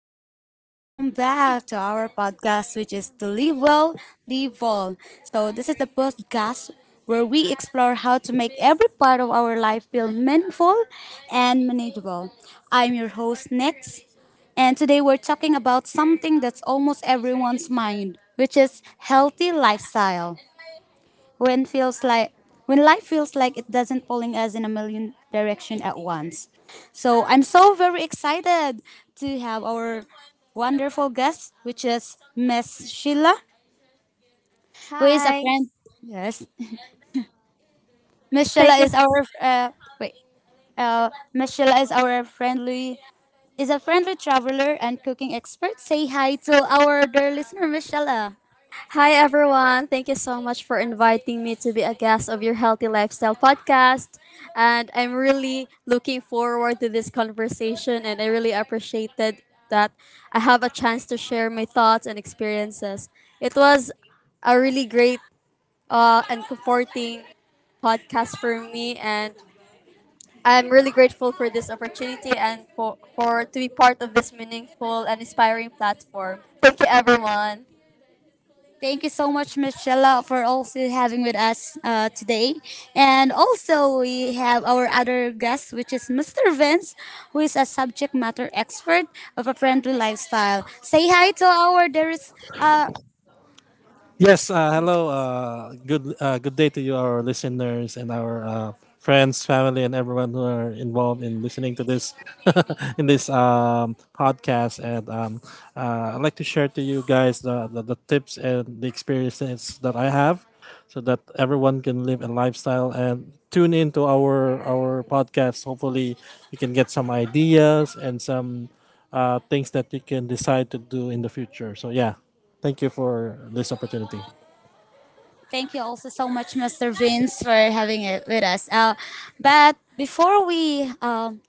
everyone, welcome back to our podcast, which is the Live Well, Live Well. So, this is the podcast where we explore how to make every part of our life feel meaningful and manageable. I'm your host, Nix, and today we're talking about something that's almost everyone's mind, which is healthy lifestyle when feels like when life feels like it doesn't pulling us in a million direction at once. So I'm so very excited to have our wonderful guest, which is Miss Sheila, who is a Hi. friend. Yes, Miss Thank Sheila is you. our wait. Miss Sheila is our friendly is a friendly traveler and cooking expert. Say hi to our dear listener, Miss Sheila. Hi, everyone. Thank you so much for inviting me to be a guest of your Healthy Lifestyle podcast. And I'm really looking forward to this conversation, and I really appreciated that I have a chance to share my thoughts and experiences. It was a really great and comforting podcast for me, and I'm really grateful for this opportunity and for to be part of this meaningful and inspiring platform. Thank you, everyone. Thank you so much, Michelle, for also having with us today. And also, we have our other guest, which is Mr. Vince, who is a subject matter expert of a friendly lifestyle. Say hi to our there is. Yes, hello. Good good day to you, our listeners and our friends, family, and everyone who are involved in listening to this in this podcast. And I'd like to share to you guys the tips and the experiences that I have, so that everyone can live a lifestyle and tune into our podcast. Hopefully, you can get some ideas and some things that you can decide to do in the future. So yeah, thank you for this opportunity. Thank you also so much, Mr. Vince, for having it with us. But before we um,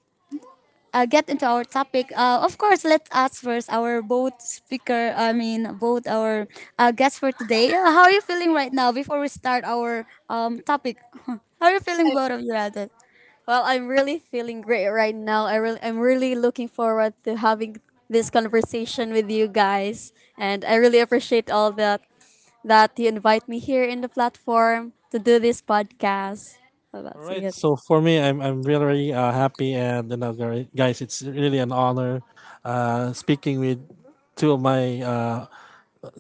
uh, get into our topic, of course, let us first our both speaker, I mean, both our guests for today. How are you feeling right now before we start our topic? How are you feeling, both of you, Alden? Well, I'm really feeling great right now. I'm really looking forward to having this conversation with you guys, and I really appreciate all that you invite me here in the platform to do this podcast. So All that's right, it. so for me, I'm really happy and you know, guys, it's really an honor speaking with two of my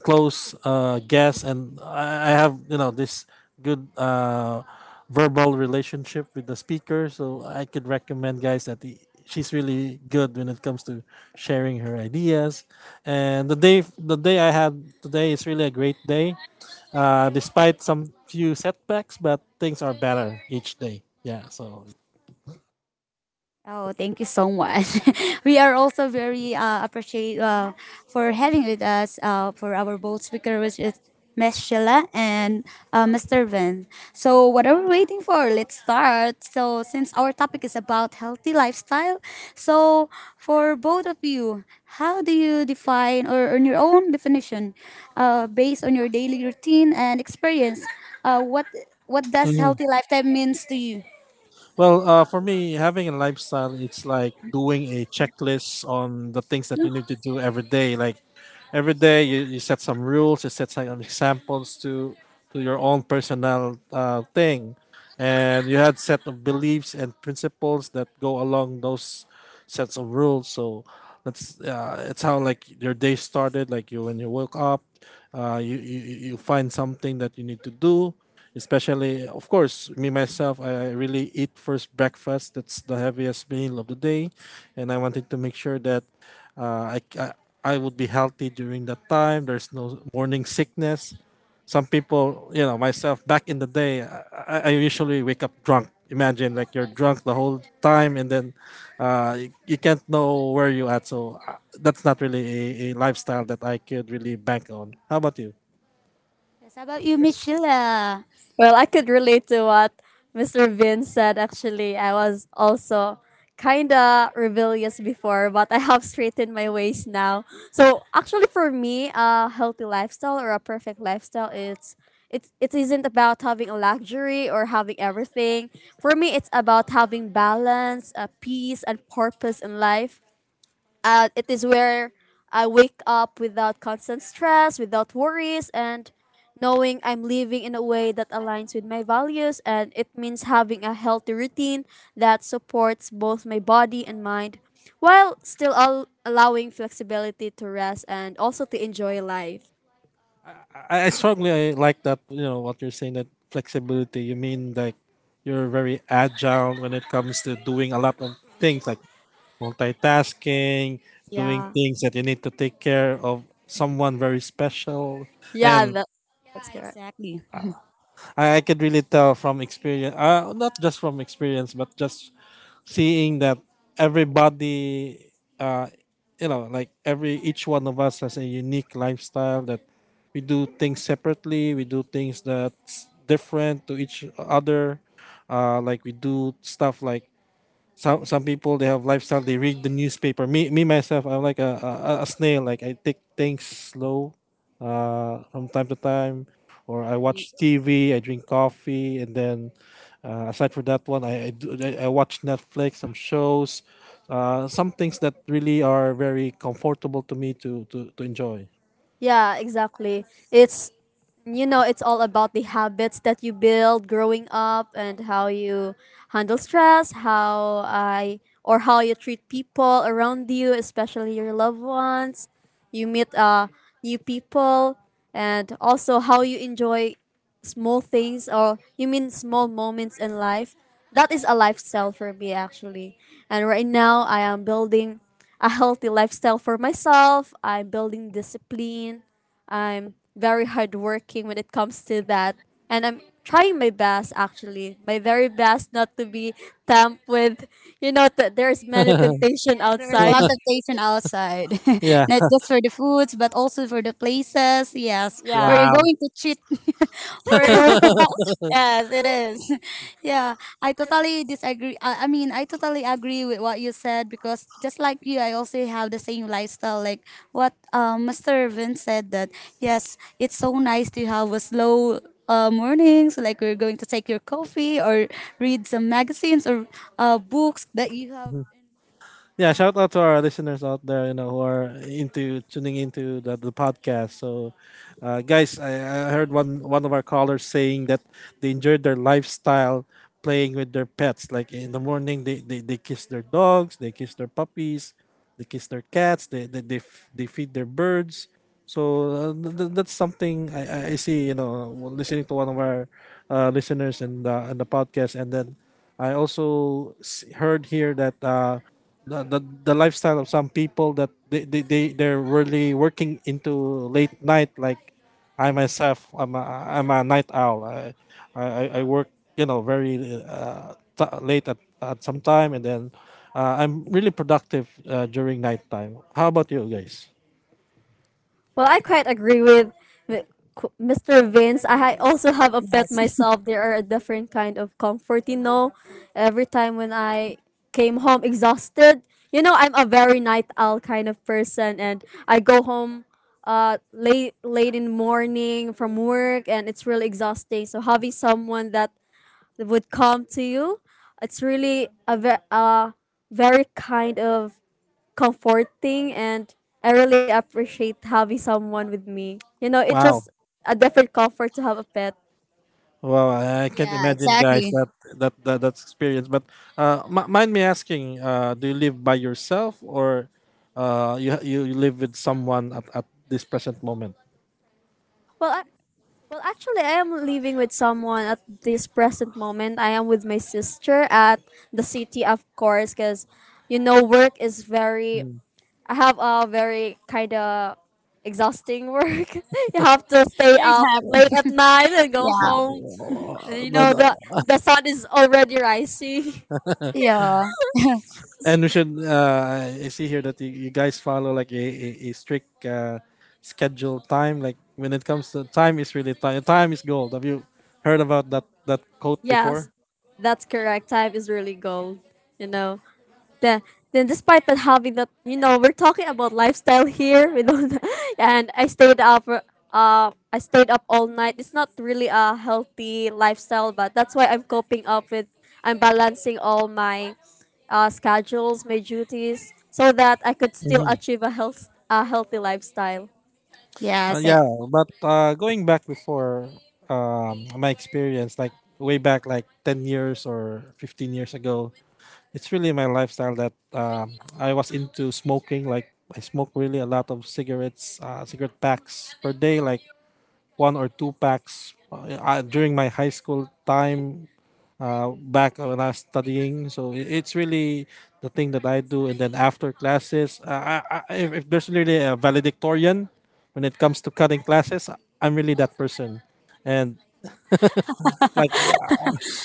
close guest, and I have you know this good verbal relationship with the speaker, so I could recommend guys that he, she's really good when it comes to sharing her ideas. And the day I had today is really a great day, despite some few setbacks, but things are better each day. Yeah, so. Oh, thank you so much. We are also very appreciate for having with us for our both speaker, which is Ms. Sheila and Mr. Vin. So, what are we waiting for? Let's start. So, since our topic is about healthy lifestyle, so for both of you, how do you define or on your own definition, based on your daily routine and experience, uh, what what does Mm-hmm. healthy lifestyle means to you? Well, for me, having a lifestyle, it's like doing a checklist on the things that you need to do every day. Like every day, you set some rules, you set some examples to your own personal thing and you had set of beliefs and principles that go along those sets of rules, so that's it's how like your day started, like you when you woke up, you find something that you need to do, especially of course me myself, I really eat first breakfast, that's the heaviest meal of the day, and I wanted to make sure that uh, I, I I would be healthy during that time, there's no morning sickness. Some people, you know, myself back in the day, I usually wake up drunk. Imagine like you're drunk the whole time, and then you can't know where you at. So that's not really a lifestyle that I could really bank on. How about you? Yes, how about you, Miss Sheila? Well, I could relate to what Mr. Vin said. Actually, I was also kind of rebellious before, but I have straightened my ways now. So, actually, for me, a healthy lifestyle or a perfect lifestyle, it isn't about having a luxury or having everything. For me, it's about having balance, peace, and purpose in life. It is where I wake up without constant stress, without worries, and knowing I'm living in a way that aligns with my values. And it means having a healthy routine that supports both my body and mind while still allowing flexibility to rest and also to enjoy life. I strongly like that. You know what you're saying that flexibility. You mean like you're very agile when it comes to doing a lot of things like multitasking, doing Yeah. things that you need to take care of someone very special, Yeah, and that, that's Yeah, correct. exactly. I could really tell from experience, not just from experience, but just seeing that everybody, uh, you know, like every each one of us has a unique lifestyle, that we do things separately, we do things that's different to each other. Like we do stuff like some people they have lifestyle, they read the newspaper. Me myself, I'm like a snail, like I take things slow from time to time, or I yeah, you watch tv, I drink coffee, and then aside from that one, I, do, I watch netflix some shows, some things that really are very comfortable to me to to enjoy. Yeah, exactly. It's it's all about the habits that you build growing up and how you handle stress, how I or how you treat people around you, especially your loved ones. You meet new people, and also how you enjoy small things, or you mean small moments in life. That is a lifestyle for me, actually, and right now I am building a healthy lifestyle for myself. I'm building discipline. I'm very hardworking when it comes to that, and I'm trying my best, actually my very best, not to be tempted with that there's many temptation Yes, there is a outside. lot of temptation outside, Yeah. not just for the foods, but also for the places. Yes, where yeah you're Wow. going to cheat for yeah. your. Yes, it is. Yeah, I I, totally disagree. I mean, I totally agree with what you said because just like you, I also have the same lifestyle. Like what Mr. Vince said that yes, it's so nice to have a slow morning. So like we're going to take your coffee or read some magazines or books that you have. Yeah, shout out to our listeners out there, you know, who are into tuning into the podcast. So, guys, I heard one of our callers saying that they enjoyed their lifestyle playing with their pets. Like in the morning, they kiss their dogs, they kiss their puppies, they kiss their cats, they feed their birds. So that's something I see, you know, listening to one of our listeners and the podcast, and then I also heard here that. The, the lifestyle of some people that they they're really working into late night, like I myself, I'm a night owl, I work you know very late at some time, and then I'm really productive during nighttime. How about you guys? Well, I quite agree with with Mr. Vince. Yes. Also have a pet Yes. myself. There are a different kind of comfort, you know. Every time when I came home exhausted, you know, I'm a very night owl kind of person, and I go home late in the morning from work, and it's really exhausting, so having someone that would come to you. It's really a very kind of comforting, and I really appreciate having someone with me. You know, it's Wow. just a different comfort to have a pet. Well, I can't Yeah, imagine, guys, exactly. that that's experience. But mind me asking, do you live by yourself or you live with someone at this present moment? Well, I, well, actually, I am living with someone at this present moment. I am with my sister at the city, of course, because you know, work is very. Mm. I have a very kind of exhausting work. You have to stay It up late happens. at night and go Yeah. home. Uh, You but, know, uh, the sun is already rising. Yeah. And we should. I see here that you guys follow like a strict schedule time. Like when it comes to time, is really time. Time is gold. Have you heard about that quote Yes, before? that's correct. Time is really gold. You know. Then then despite that, having that, you know, we're talking about lifestyle here. We don't. And I stayed up. For- I stayed up all night. It's not really a healthy lifestyle, but that's why I'm coping up with. I'm balancing all my schedules, my duties, so that I could still achieve a healthy lifestyle. Yes. Yeah, but going back before my experience, like way back, like 10 years or 15 years ago, it's really my lifestyle that I was into smoking. Like I smoke really a lot of cigarettes, cigarette packs per day, like one or two packs during my high school time, back when I was studying. So it's really the thing that I do. And then after classes, if there's really a valedictorian when it comes to cutting classes, I'm really that person. And like yeah,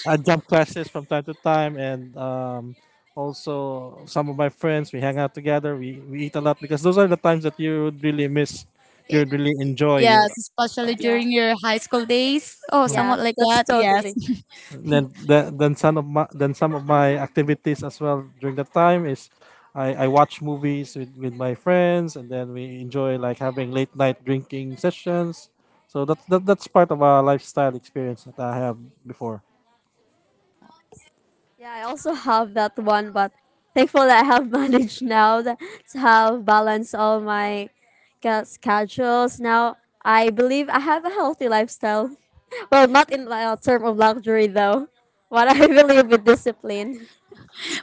I jump classes from time to time, and also some of my friends, we hang out together. We eat a lot because those are the times that you would really miss. You it- would really enjoy. yes, You, especially Yeah. during your high school days. Oh, Yeah, somewhat like that's that. Yes. totally. Then some of my then some of my activities as well during that time is I watch movies with my friends, and then we enjoy like having late night drinking sessions. So that's that's part of our lifestyle experience that I have before. Yeah, I also have that one, but thankful that I have managed now to have balance all my schedules. Now I believe I have a healthy lifestyle. Well, not in term of luxury though, but I believe with discipline.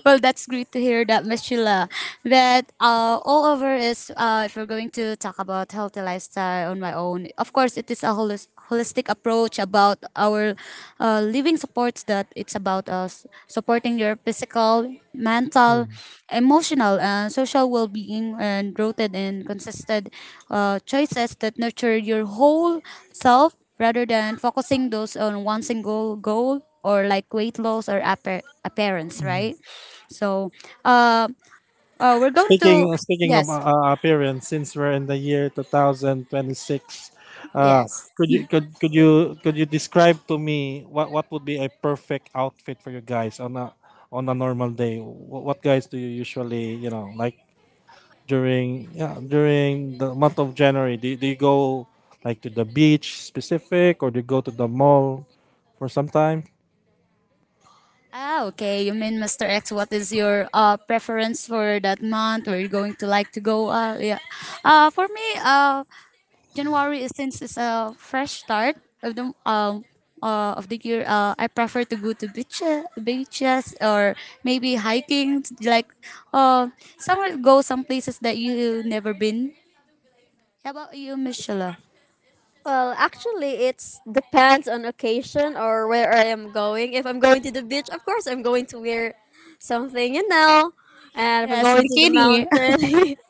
Well, that's great to hear that, Miss Sheila. But all over is if we're going to talk about healthy lifestyle on my own, of course, it is a holistic approach about our living supports that it's about us supporting your physical, mental, Mm. emotional, and social well-being, and rooted in consistent choices that nurture your whole self rather than focusing those on one single goal or like weight loss or appearance, right? So, uh, we're going to Speaking of yes, appearance, since we're in the year 2026, yes. Could you describe to me what would be a perfect outfit for you guys on a normal day? What guys do you usually you know, like during yeah during the month of January? Do you go like to the beach specific, or do you go to the mall for some time? Ah, okay. You mean Mr. X? What is your preference for that month? Where you going to like to go? Yeah. Uh, for me, uh, January is since it's a fresh start of the year, I prefer to go to beaches, beaches or maybe hiking. Like, uh, somewhere go some places that you never been. How about you, Michelle? Well, actually, it's depends on occasion or where I am going. If I'm going to the beach, of course, I'm going to wear something, you know. And if I'm Yes, going to the bikini. mountain,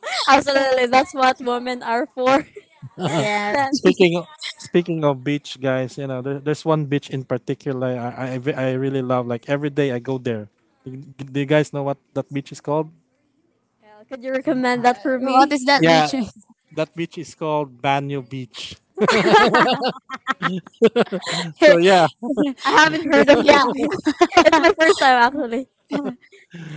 absolutely, that's what women are for. Yes. speaking of, Speaking of beach, guys, you know, there's one beach in particular I really love. Like every day I go there. Do you guys know what that beach is called? Well, could you recommend that for Wow, what me? is that Yeah, luchon? that beach is called Banyo Beach. So yeah, I haven't heard of that Yeah. place. It's my first time actually.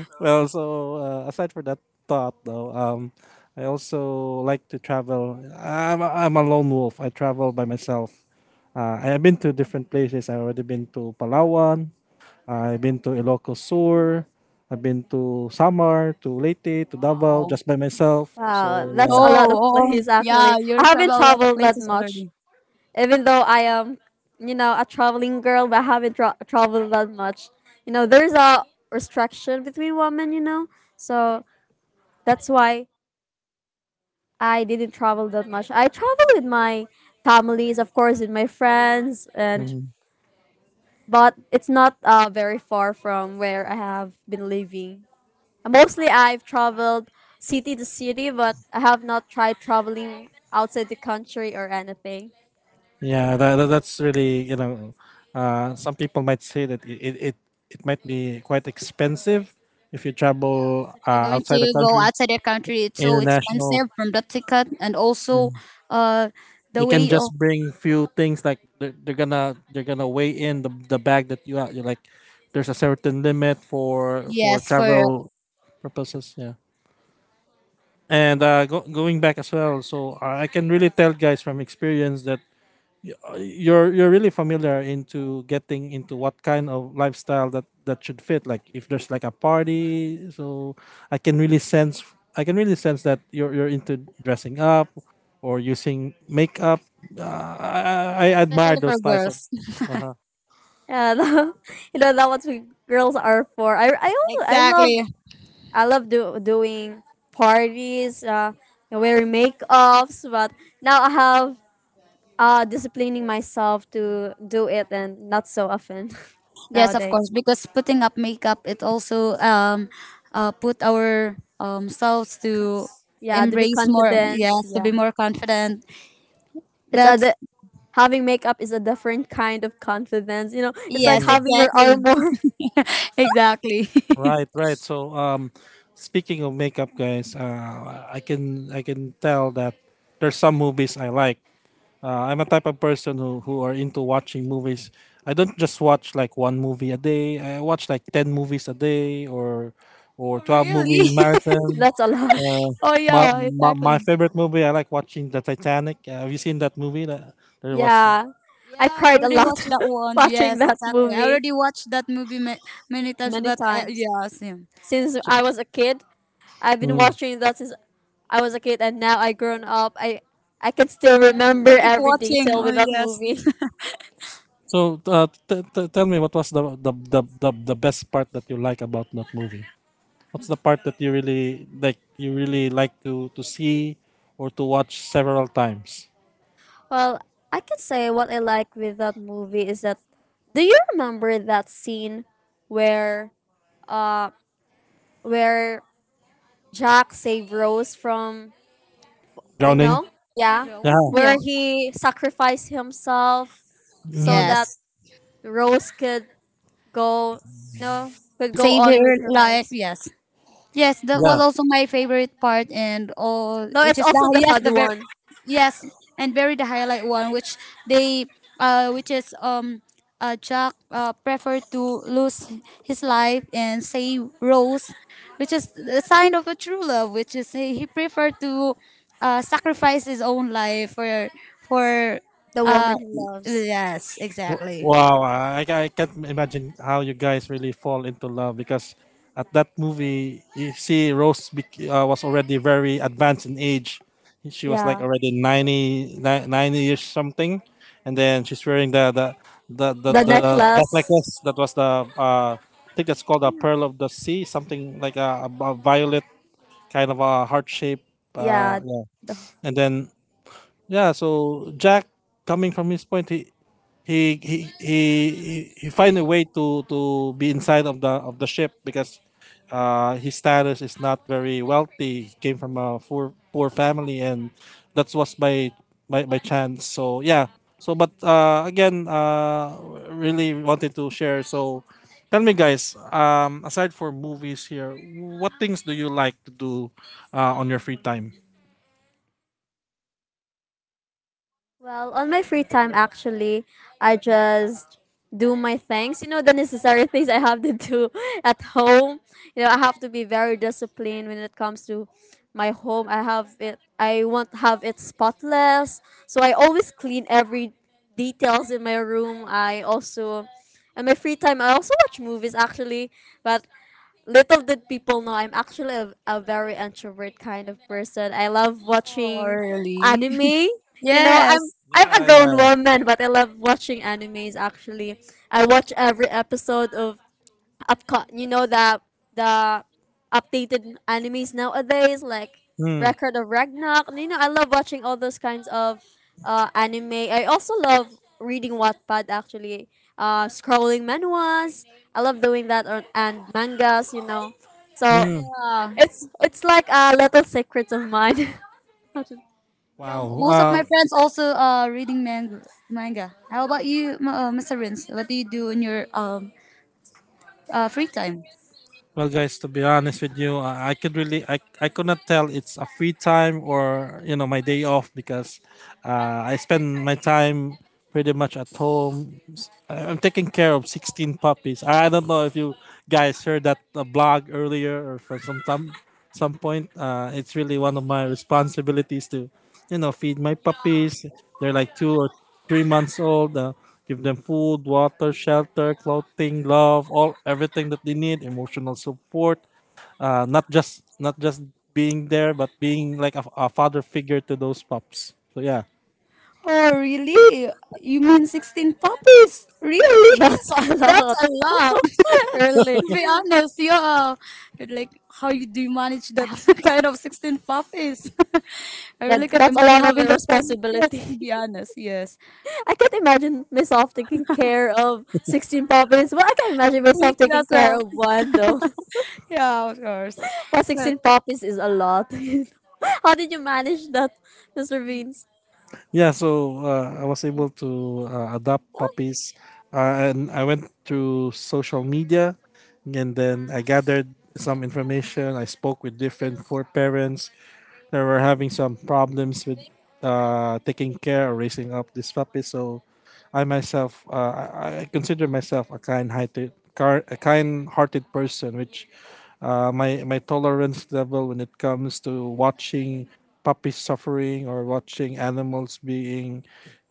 well, so aside for that thought though, I also like to travel. I'm a lone wolf. I travel by myself. I have been to different places. I've already been to Palawan, I've been to Ilocos Sur. I've been to Samar, to Leyte, to Davao, Wow. just by myself. Wow, So that's yeah. a Oh, lot of oh, places actually. yeah, you I haven't travel a lot of traveled that places much, already. even though I am, you know, a traveling girl, but I haven't traveled that much. You know, there's a restriction between women, you know, so that's why I didn't travel that much. I travel with my families, of course, with my friends, and Mhm. but it's not very far from where I have been living. Mostly I've traveled city to city, but I have not tried traveling outside the country or anything. Yeah, that's really you know, some people might say that it might be quite expensive if you Yes, travel if you're going outside the to go country, outside the country, it's so international. expensive from the ticket and also uh the You can way of just bring few things like they're gonna weigh in the bag that you have. You're like, there's a certain limit for yes for travel purposes. Yeah. And going back as well, so I can really tell guys from experience that you're really familiar into getting into what kind of lifestyle that that should fit. Like if there's like a party, so I can really sense I can really sense that you're into dressing up or using makeup. Uh, I, I yeah, admire especially for those types of. girls. Uh-huh. Yeah, you know, that's what girls are for. I also I love Exactly. Doing parties, wearing makeups, but now I have disciplining myself to do it and not so often Yes, of course, nowadays. because putting up makeup, it also put our selves to Yeah, to be embrace more. confident. Yes, to Yeah, be more confident. it's a That's di- having makeup is a different kind of confidence. You know, it's like Yes, Mm, having your exactly. armor. Exactly. right, right. So, speaking of makeup, guys, I can tell that there's some movies I like. I'm a type of person who are into watching movies. I don't just watch like one movie a day. I watch like ten movies a day or Oh, 12 movie really? marathon. That's a lot. Uh, Oh, yeah, my exactly. favorite movie. I like watching the Titanic. Have you seen that movie? That there was. Yeah. Yeah, I I cried a already lot watched that one. watching Yes, that exactly. I movie already watched that many times, many but yes, times. yeah. Same. Since So, I was a kid, I've been mm. watching that since I was a kid, and now I grown up. I can still Yes, remember we'll keep every watching. detail Oh, with that yes. movie. So, tell me, what was the best part that you like about that movie? What's the part that you really like? You really like to see or to watch several times? Well, I can say what I like with that movie is that, do you remember that scene where uh where Jack saved Rose from, you Drowning. know? Being Yeah, Yeah. drawn? Yeah. where he sacrificed himself so Mhm. that Yes. Rose could go, you know, could go Save your on with her life. lives. Yes. Yes, that was Yeah. also my favorite part, and all No, which it's is the also the yes sad the very one. yes and very the highlight one, which they which is Jack preferred to lose his life and save Rose, which is the sign of a true love, which is he preferred to sacrifice his own life for The uh woman he loves. yes exactly. Wow. I can't imagine how you guys really fall into love because at that movie, you see Rose was already very advanced in age. She was like Yeah, already 90 years something. And then she's wearing the the that necklace. necklace that was the, I think that's called the Pearl of the Sea, something like a violet kind of a heart shape. Yeah, Yeah. the. And then, yeah, so Jack coming from his point, he he he he find a way to be inside of the ship because his status is not very wealthy. He came from a poor family, and that was by by chance. So yeah. So but really wanted to share. So tell me, guys. Aside for movies here, what things do you like to do on your free time? Well, on my free time, actually, I just do my things. You know, the necessary things I have to do at home. You know, I have to be very disciplined when it comes to my home. I want have it spotless. So I always clean every details in my room. I also, in my free time, I also watch movies actually, but little did people know I'm actually a very introvert kind of person. I love Oh, watching really? anime. You know, Yes. I'm a Yeah, grown yeah. woman, but I love watching animes actually. I watch every episode of Epcot. You know, the updated animes nowadays, like Mm, Record of Ragnarok. You know, I love watching all those kinds of anime. I also love reading Wattpad actually. Scrolling manuals. I love doing that, or and mangas. You know, so mm. Yeah. It's like a little secret of mine. Yeah, Wow. most of my friends also reading manga. Manga. How about you, Mr. Rins? What do you do in your free time? Well, guys, to be honest with you, I could really, I could not tell it's a free time or you know my day off because I spend my time pretty much at home. I'm taking care of 16 puppies. I don't know if you guys heard that blog earlier or for some time, some point. It's really one of my responsibilities to, you know, feed my puppies. They're like two or three months old. Give them food, water, shelter, clothing, love, all everything that they need, emotional support. Not just being there, but being like a father figure to those pups. So yeah, Oh, really? You mean 16 puppies? Really? That's a That's lot. a lot. To Really, be honest, yeah. Like, how you do you manage that kind of 16 puppies? I that really can't that's a imagine lot of having that fun. Yes, responsibility. to be honest, yes. I can't imagine myself taking care of 16 puppies. But I can imagine Me myself too taking as care well. of one, though. Yeah, of course. But But 16 puppies is a lot. How did you manage that, Mr. Beans? yeah. So I was able to adopt Oh, puppies, and I went through social media, and then I gathered some information. I spoke with different four parents. They were having some problems with taking care or raising up this puppy. So I myself, I consider myself a kind-hearted, a kind-hearted person, which my my tolerance level when it comes to watching puppies suffering or watching animals being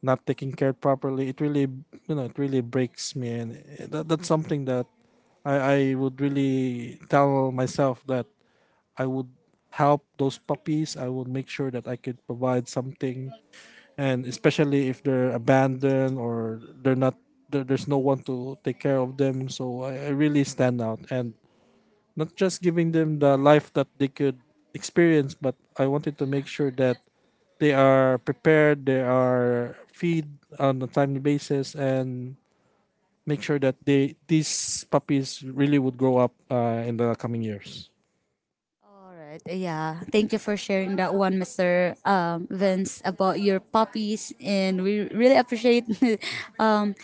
not taken care properly, it really, you know, it really breaks me. And that, that's something that I would really tell myself that I would help those puppies. I would make sure that I could provide something, and especially if they're abandoned or they're not there, there's no one to take care of them. So I really stand out and not just giving them the life that they could experience, but I wanted to make sure that they are prepared, they are feed on a timely basis, and make sure that they these puppies really would grow up in the coming years. All right. Yeah. Thank you for sharing that one, Mr. Um, Vince, about your puppies, and we really appreciate um,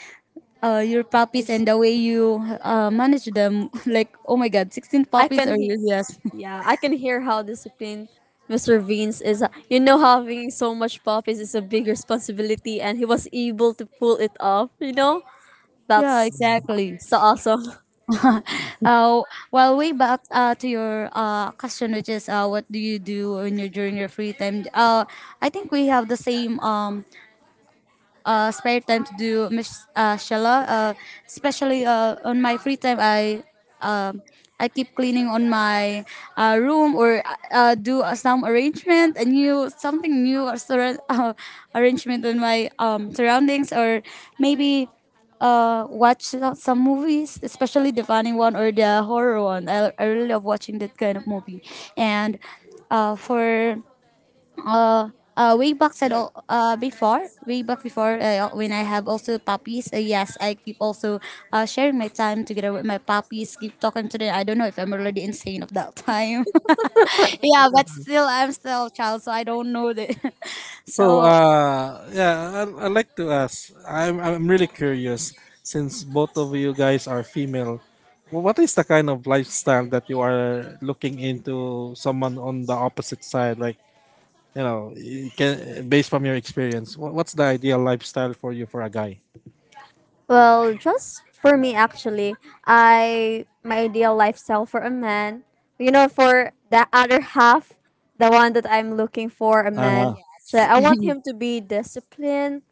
your puppies there's. and the way you manage them. Like, oh my God, 16 I puppies can are hear. yes. Yeah, I can hear how disciplined Mr. Beans is. You know, having so much puppies is a big responsibility, and he was able to pull it off, you know? Yeah, That's exactly. so awesome. uh, well, way back to your question, which is what do you do when you're during your free time? I think we have the same spare time to do shala. Especially on my free time, um, I keep cleaning on my room or do some arrangement, a new something new or arrangement on my surroundings, or maybe watch some movies, especially the funny one or the horror one. I really love watching that kind of movie, and for uh, way back said Yeah. al- before way back before when I have also puppies yes I keep also sharing my time together with my puppies keep talking to them I don't know if I'm already insane of that time yeah but still I'm still a child so I don't know that So so I like to ask. I'm really curious since both of you guys are female. What is the kind of lifestyle that you are looking into someone on the opposite side like, you know, you can based from your experience. What's the ideal lifestyle for you for a guy? Well, just for me actually, I my ideal lifestyle for a man, you know, for the other half, the one that I'm looking for a Uh man. So yes. I want him to be disciplined,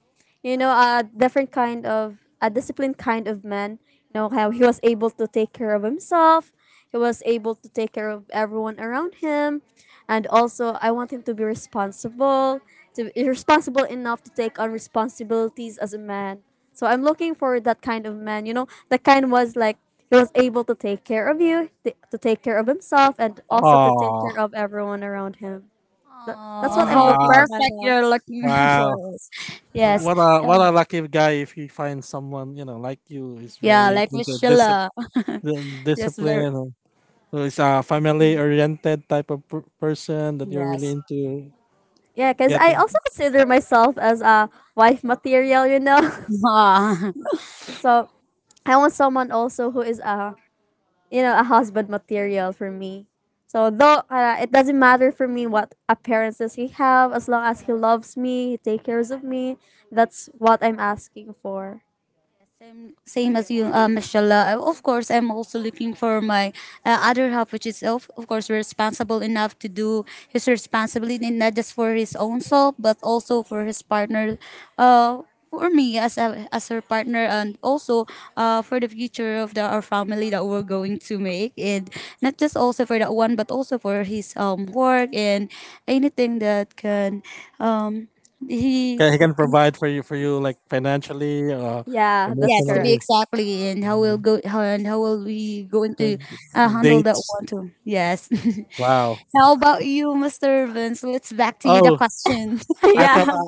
you know, a different kind of a disciplined kind of man. You know how he was able to take care of himself, he was able to take care of everyone around him, and also I want him to be responsible enough to take on responsibilities as a man. So I'm looking for that kind of man, you know, that kind was like he was able to take care of you, to take care of himself, and also to take oh. care of everyone around him. That, that's Oh, what I'm how looking for, Ah, my perfect love. you're looking for wow. us. Yes. What a lucky guy if he finds someone, you know, like you is Yeah, very like into Miss Sheila. discipline Yes, very discipline. So it's a family Mm. oriented type of person that you're really yes. into Yeah, because I getting. also consider myself as a wife material, you know. Ah. So I want someone also who is a, you know, a husband material for me. So though it doesn't matter for me what appearances he have, as long as he loves me, he take cares of me, that's what I'm asking for. Yes, same, same as you, mashallah. Of course, I'm also looking for my other half, which is, of course, responsible enough to do his responsibility, not just for his own self, but also for his partner, uh, for me as a, as her partner, and also for the future of the, our family that we're going to make, and not just also for that one, but also for his work and anything that can um he Can, he can provide for you like financially, Yeah, that's Yes, to be correct. emotionally, exactly, and how will go how, and how will we going uh, to handle that dates. one too? Yes. Wow. How about you, Mr. Vince? Let's back to you the Oh, question. I thought Yeah, I,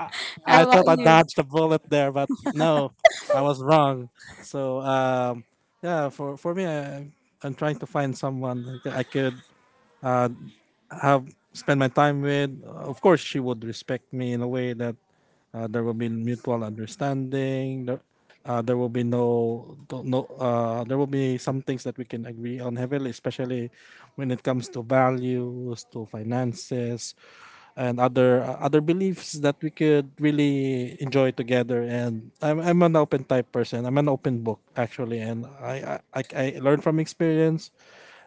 I, I How thought about I you? dodged a bullet there, but no, I was wrong. So yeah, for me, I, I'm trying to find someone that I could uh, have spent my time with, of course, she would respect me in a way that there will be mutual understanding. There, there will be no, no. There will be some things that we can agree on heavily, especially when it comes to values, to finances, and other other beliefs that we could really enjoy together. And I'm an open type person. I'm an open book actually, and I learn from experience,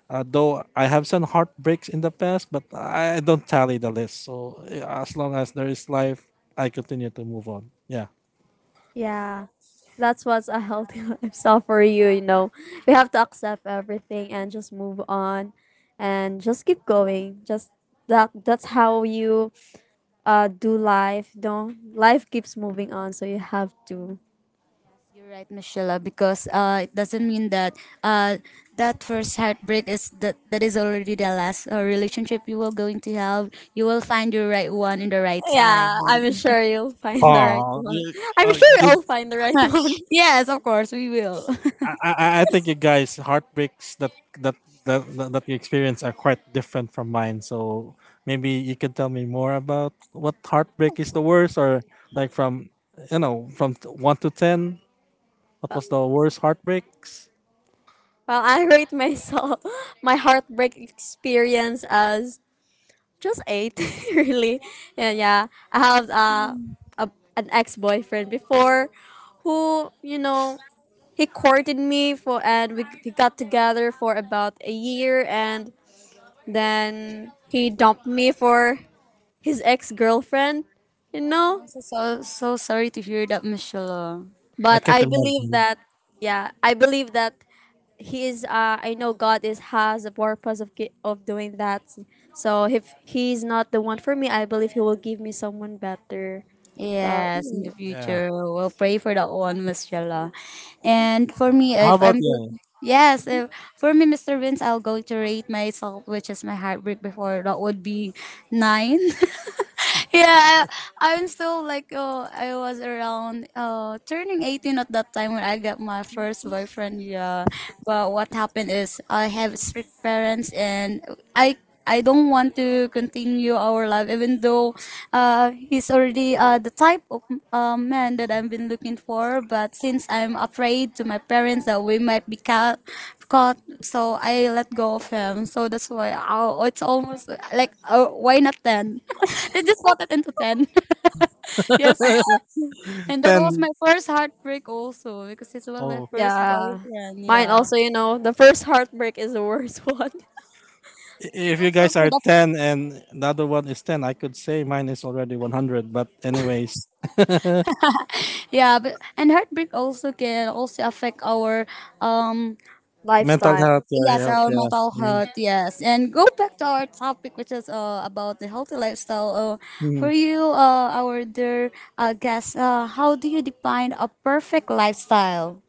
though I have some heartbreaks in the past, but I don't tally the list. So as long as there is life, I continue to move on. Yeah. yeah, that's what's a healthy lifestyle for you. You know, we have to accept everything and just move on, and just keep going. Just that that's how you do life. Don't life keeps moving on, so you have to. Yes, you're right, Michelle. Because it doesn't mean that uh, that first heartbreak is that that is already the last relationship you will going to have. You will find your right one in the right time. Yeah, I'm sure you'll find the right Oh, one. I'm I, sure you'll find the right one. Yes, of course we will. I, I think you guys heartbreaks that that, that you experience are quite different from mine. So maybe you can tell me more about what heartbreak is the worst, or like from you know from one to ten, what was the worst heartbreaks? Well, I rate myself my heartbreak experience as just eight, really. Yeah, yeah. I have a an ex boyfriend before, who you know he courted me for, and we got together for about a year, and then he dumped me for his ex girlfriend, you Oh, know. so so so sorry to hear that, Michelle. I But can't imagine. I believe that he's I know God is has a purpose of doing that. So if he's not the one for me, I believe he will give me someone better. So Yes, in the mm, Yeah. future, we'll pray for that one, Miss Jella. And for me, How if about I'm go- you? Yes, if, for me, Mr. Vince, I'll go to rate myself, which is my heartbreak before. That would be nine. Yeah, I'm still like oh, I was around turning 18 at that time when I got my first boyfriend. Yeah, but what happened is I have strict parents and I. I don't want to continue our life, even though he's already the type of man that I've been looking for. But since I'm afraid to my parents that we might be caught, so I let go of him. So that's why oh, it's almost like oh, why not ten? They just voted into ten. Yes, and that was my Ten. first heartbreak also because it was my Oh, first yeah, boyfriend. mine Yeah. also. You know, the first heartbreak is the worst one. And it if you also guys could are 10 affect, and the other one is 10, I could say mine is already 100. But, anyways, yeah, but, and heartbreak also can also affect our um mental Lifestyle. health, yeah, Yes, health, our yeah. mental Mm, health. Yes, and go back to our topic, which is about the healthy lifestyle. Mm. For you, our dear guest, how do you define a perfect lifestyle?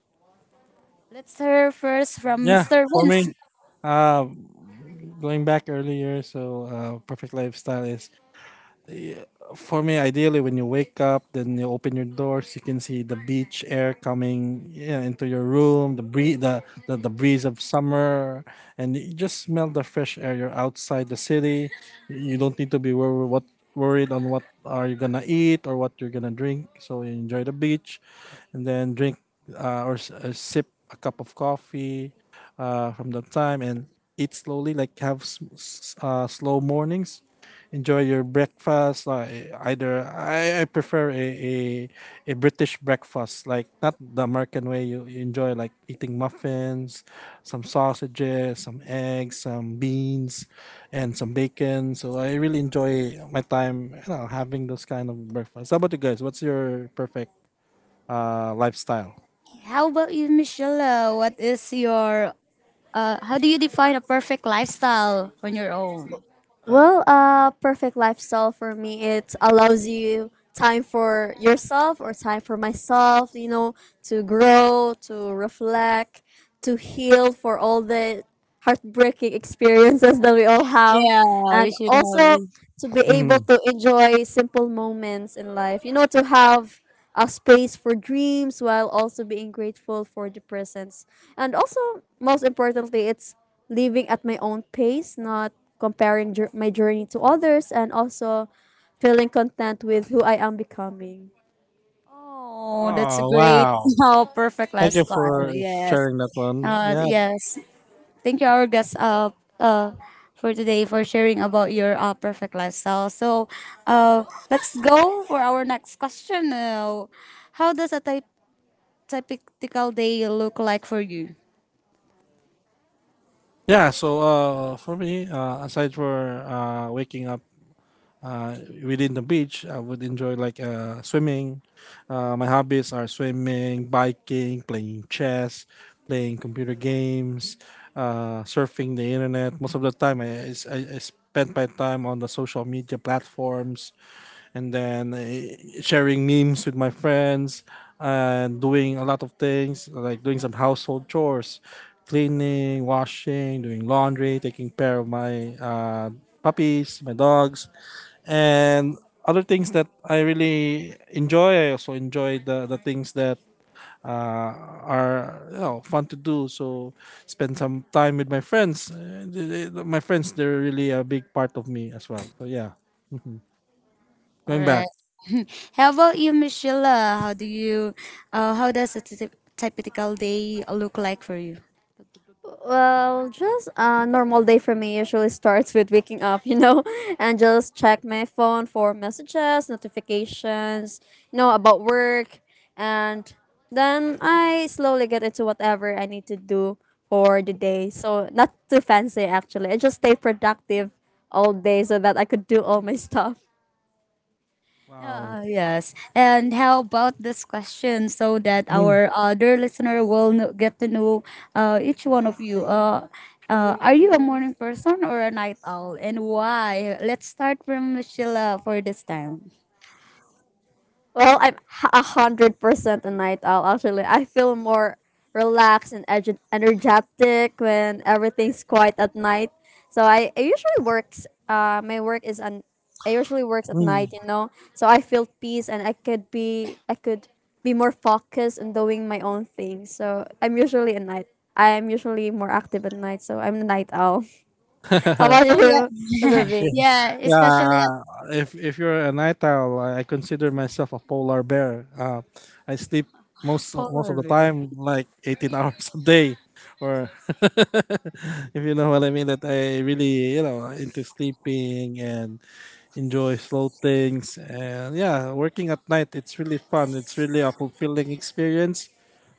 Let's hear first from Yeah, Mr. for Vince. me, uh, going back earlier, so perfect lifestyle is for me, ideally, when you wake up, then you open your doors, you can see the beach air coming yeah, into your room, the breeze of summer, and you just smell the fresh air. You're outside the city. You don't need to be wor- what worried on what are you gonna eat or what you're gonna drink. So you enjoy the beach, and then drink sip a cup of coffee from that time and eat slowly, like have slow mornings, enjoy your breakfast like either I prefer a british breakfast like not the american way, you enjoy like eating muffins, some sausages, some eggs, some beans, and some bacon. So I really enjoy my time, you know, having those kind of breakfast. How about you guys? What's your perfect lifestyle? How about you, Michelle? What is your how do you define a perfect lifestyle on your own? Well, a perfect lifestyle for me it allows you time for yourself or time for myself, you know, to grow, to reflect, to heal for all the heartbreaking experiences that we all have Yeah, we and should have it. also to be able Hmm. to enjoy simple moments in life. You know, to have a space for dreams while also being grateful for the presence. And also, most importantly, it's living at my own pace, not my journey to others, and also feeling content with who I am becoming. Oh, that's a Oh great. wow, Oh, perfect thank you lifestyle. for Yes. sharing that one. Yeah, Yes. Thank you, our guest, for today for sharing about your perfect lifestyle. So, uh, let's go for our next question. How does a typical day look like for you? yeah, so for me, aside for waking up uh, within the beach, I would enjoy like swimming. My hobbies are swimming, biking, playing chess, playing computer games, surfing the internet. Most of the time, I spend my time on the social media platforms, and then sharing memes with my friends and doing a lot of things like doing some household chores, cleaning, washing, doing laundry, taking care of my puppies, my dogs, and other things that I really enjoy. I also enjoy the things that uh, are, you know, fun to do. So spend some time with my friends. My friends, they're really a big part of me as well, so yeah. All Going right. back. How about you, Michelle? How do you? How does a typical day look like for you? Well, just a normal day for me usually starts with waking up, you know, and just check my phone for messages, notifications, you know, about work. And then I slowly get into whatever I need to do for the day. So, not too fancy actually. I just stay productive all day so that I could do all my stuff. Wow. Yes. And how about this question so that Mm, our other listener will get to know each one of you? Are you a morning person or a night owl, and why? Let's start from Sheila for this time. Well, I'm 100% a night owl. Actually, I feel more relaxed and energetic when everything's quiet at night. So I usually works. My work is an. I usually works at mm. night. You know, so I feel peace and I could be. I could be more focused on doing my own thing. So I'm usually a night. I am usually more active at night. So I'm a night owl. Yeah, How about especially you, Mr. at, Bings? yeah, especially at Yeah, if you're a night owl, I consider myself a polar bear. I sleep most most of the four. time, like 18 hours a day, or if you know what I mean. That I really, you know, into sleeping and enjoy slow things. And yeah, working at night, it's really fun, it's really a fulfilling experience.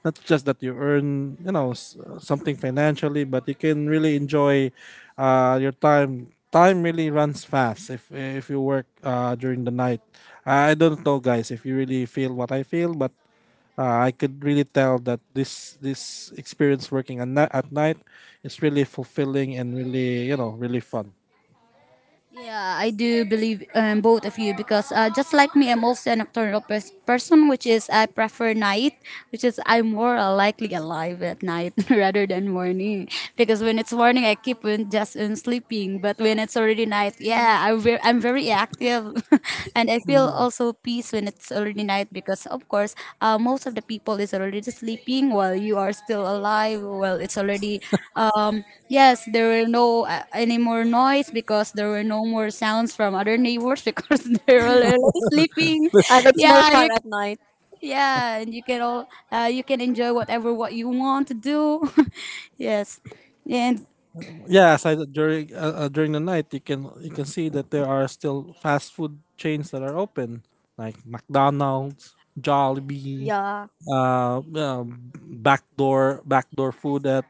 Not just that you earn, you know, something financially, but you can really enjoy your time. Time really runs fast if you work during the night. I don't know, guys, if you really feel what I feel, but I could really tell that this experience working at, at night is really fulfilling and really, you know, really fun. Yeah, I do believe both of you, because just like me, I'm also a nocturnal person, which is I prefer night, which is I'm more likely alive at night rather than morning. Because when it's morning, I keep on just on sleeping, but when it's already night, yeah, I'm very active. And I feel also peace when it's already night, because of course most of the people is already sleeping while you are still alive. Well, it's already yes, there were no any more noise because there were no more sounds from other neighbors because they were already sleeping. And it's more yeah fun you, at night. yeah and you can enjoy whatever what you want to do. Yes. And Yeah, aside during during the night, you can see that there are still fast food chains that are open, like McDonald's, Jollibee, Yeah. uh, uh, backdoor backdoor food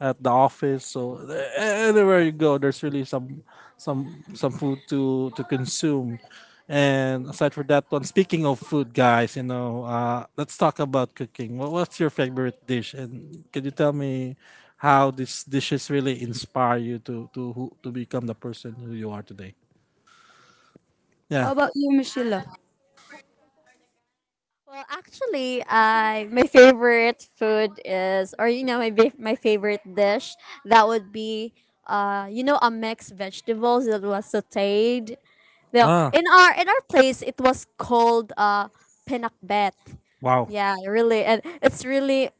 at the office. So anywhere you go, there's really some food to consume. And aside from that one, speaking of food, guys, you know, let's talk about cooking. What, what's your favorite dish? And can you tell me how these dishes really inspire you to who, to become the person who you are today? how Yeah. about you, Michelle? I my favorite food is, or you know, my favorite dish that would be, you know, a mixed vegetables that was sautéed. No, Ah. in our place, it was called pinakbet. Wow. Yeah, really, and it's really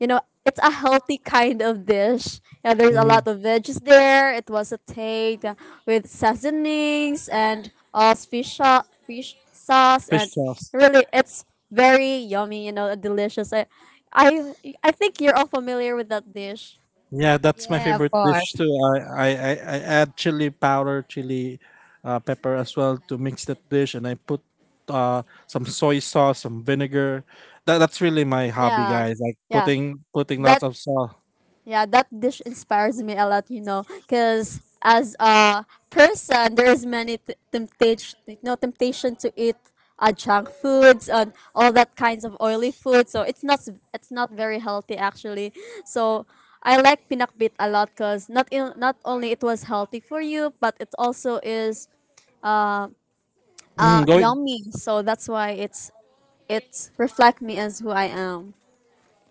you know, it's a healthy kind of dish. Yeah, there's a Mhm. lot of veggies there. It was a take with seasonings and all fish sauce Fish and sauce. really it's very yummy, you know, and delicious. I I think you're all familiar with that dish. Yeah, that's my Yeah, of favorite dish course. too. I add chili powder, chili pepper as well to mix that dish, and I put uh, some soy sauce, some vinegar. That, that's really my hobby, Yeah. guys. Like Yeah. putting putting That lots of sauce. Yeah, that dish inspires me a lot, you know, because as a person, there is many temptation, you temptation to eat junk foods and all that kinds of oily food. So it's not s- it's not very healthy actually. So I like pinakbit a lot because not only it was healthy for you, but it also is Mm, going, yummy. So that's why it's it reflect me as who I am.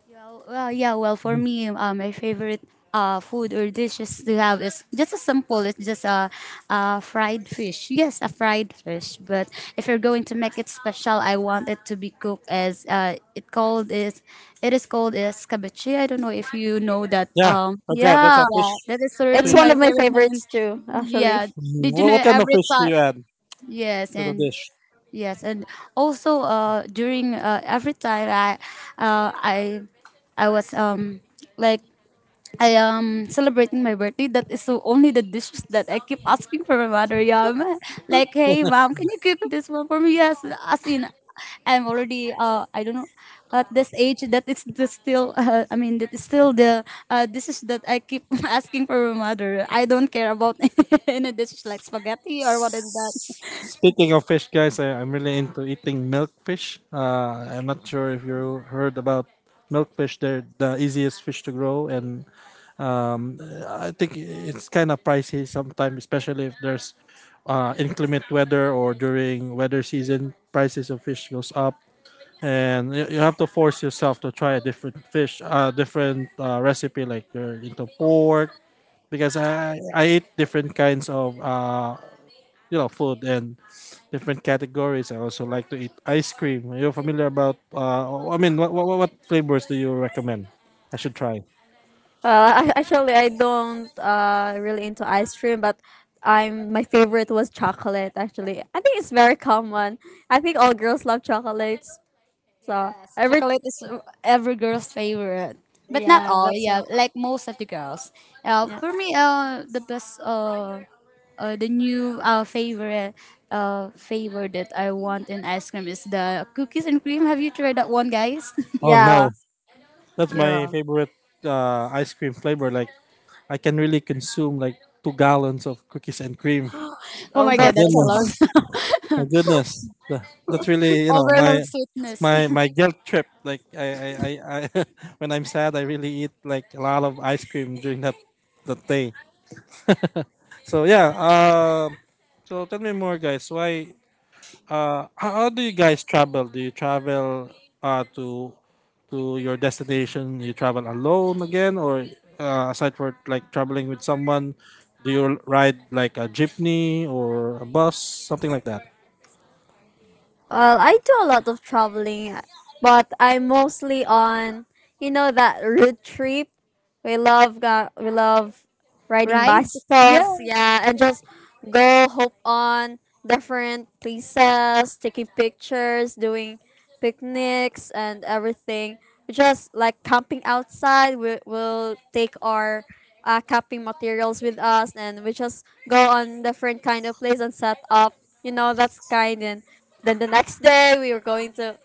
Well, for me, my favorite food or dishes to have is just a simple. It's just a fried fish. Yes, a fried fish. But if you're going to make it special, I want it to be cooked as, it is called as cabeche. I don't know if you know that. yeah, Um, that's that. That's yeah, a fish. Yeah, that is it's really one my of Fish. my favorite name. favorites too, actually. Yeah, Mm, did you What, know what kind of every fish do time? you add Yes, to the and dish? Yes, and also during every time uh, I, I was like I am celebrating my birthday. That is so only the dishes that I keep asking for my mother. Yeah, like, hey Mom, can you cook this one for me? Yes, as in I'm already I don't know at this age that is the still I mean that is still the dishes that I keep asking for my mother. I don't care about any dishes like spaghetti or what is that. Speaking of fish, guys, I, I'm really into eating milkfish. I'm not sure if you heard about milkfish. They're the easiest fish to grow, and um, I think it's kind of pricey sometimes, especially if there's inclement weather or during weather season, prices of fish goes up, and you have to force yourself to try a different fish, different recipe like you're into pork, because I eat different kinds of you know food and different categories. I also like to eat ice cream. Are you familiar about? I mean, what flavors do you recommend? I should try. Actually, I don't really into ice cream, but I'm my favorite was chocolate. Actually, I think it's very common. I think all girls love chocolates. So Yes, every chocolate is every girl's favorite, but not yeah, all. Yeah, like most of the girls. Uh, yeah for me, the best, the new favorite, flavor that I want in ice cream is the cookies and cream. Have you tried that one, guys? Oh no! yeah. That's Yeah. my favorite ice cream flavor. Like I can really consume like two gallons of cookies and cream. Oh Oh, my My God, that's that's a all. goodness, my lot. goodness. That's really, you know, my Overload sweetness. Guilt trip. Like I when I'm sad, I really eat like a lot of ice cream during that that day. So yeah. So tell me more, guys. Why? How do you guys travel? Do you travel uh, to to your destination? You travel alone again, or aside for like traveling with someone, do you ride like a jeepney or a bus, something like that? Well, I do a lot of traveling, but I'm mostly on, you know, that road trip. We love riding Rides? bicycles, Yes. yeah, and just go hop on different places, taking pictures, doing picnics and everything. We just like camping outside. We will take our camping materials with us, and we just go on different kind of place and set up. You know, that's kind and then the next day, we were going to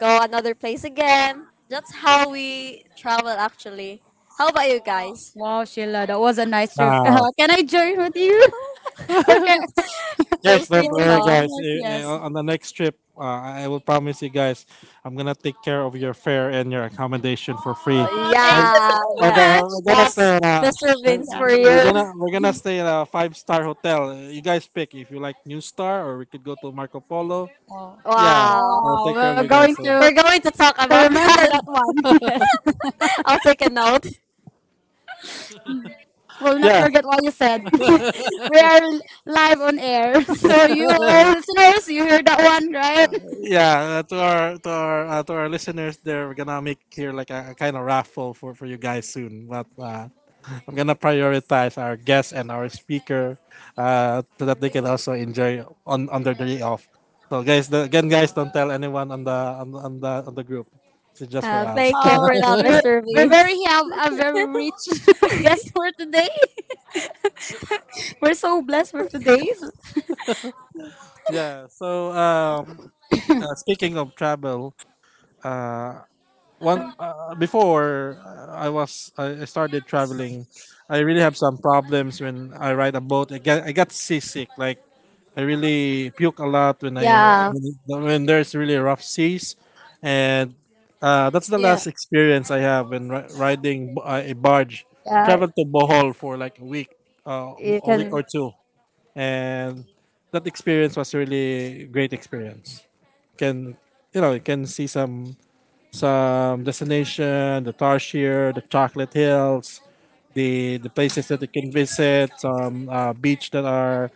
go another place again. That's how we travel, actually. How about you guys? Wow, Sheila, that was a nice trip. Wow. Can I join with you? Or Feel Guys, free don't can to we worry, just do come. guys. that? Yes. On the next trip, I will promise you guys, I'm gonna take care of your fare and your accommodation for free. Uh, Oh, We're, thank you yeah, we're, so gonna, that, much. we're gonna that's stay in a Mr. Vince for you. we're gonna stay in a five-star hotel. You guys pick if you like New Star or we could go to Marco Polo. Yeah, Wow. I'll Wow, take care we're of you going guys. So. to, We're going to talk to about remember that. that one. Yes, I'll take a note. we'll not Yeah, forget what you said. We are live on air, so you, all listeners, you heard that one, right? yeah, to our to our listeners there, we're gonna make here like a kind of raffle for you guys soon, but I'm gonna prioritize our guest and our speaker, so that they can also enjoy on their day off. So guys, again guys, don't tell anyone on the group. It's just for us. Thank you Oh, for that, we Mr. we very Vince. have a very rich guest for today. We're so blessed for today. So Yeah, so, speaking of travel, uh one, before, I started traveling, I really have some problems when I ride a boat. I got seasick. Like I really puke a lot when I Yeah, when there's really rough seas, and that's the yeah, last experience I have when riding a barge. I yeah. traveled to Bohol for like uh, You a week can, or two, and that experience was really great experience. Can, you know? You can see some destination, the Tarshir, the Chocolate Hills, the places that you can visit, some beach that are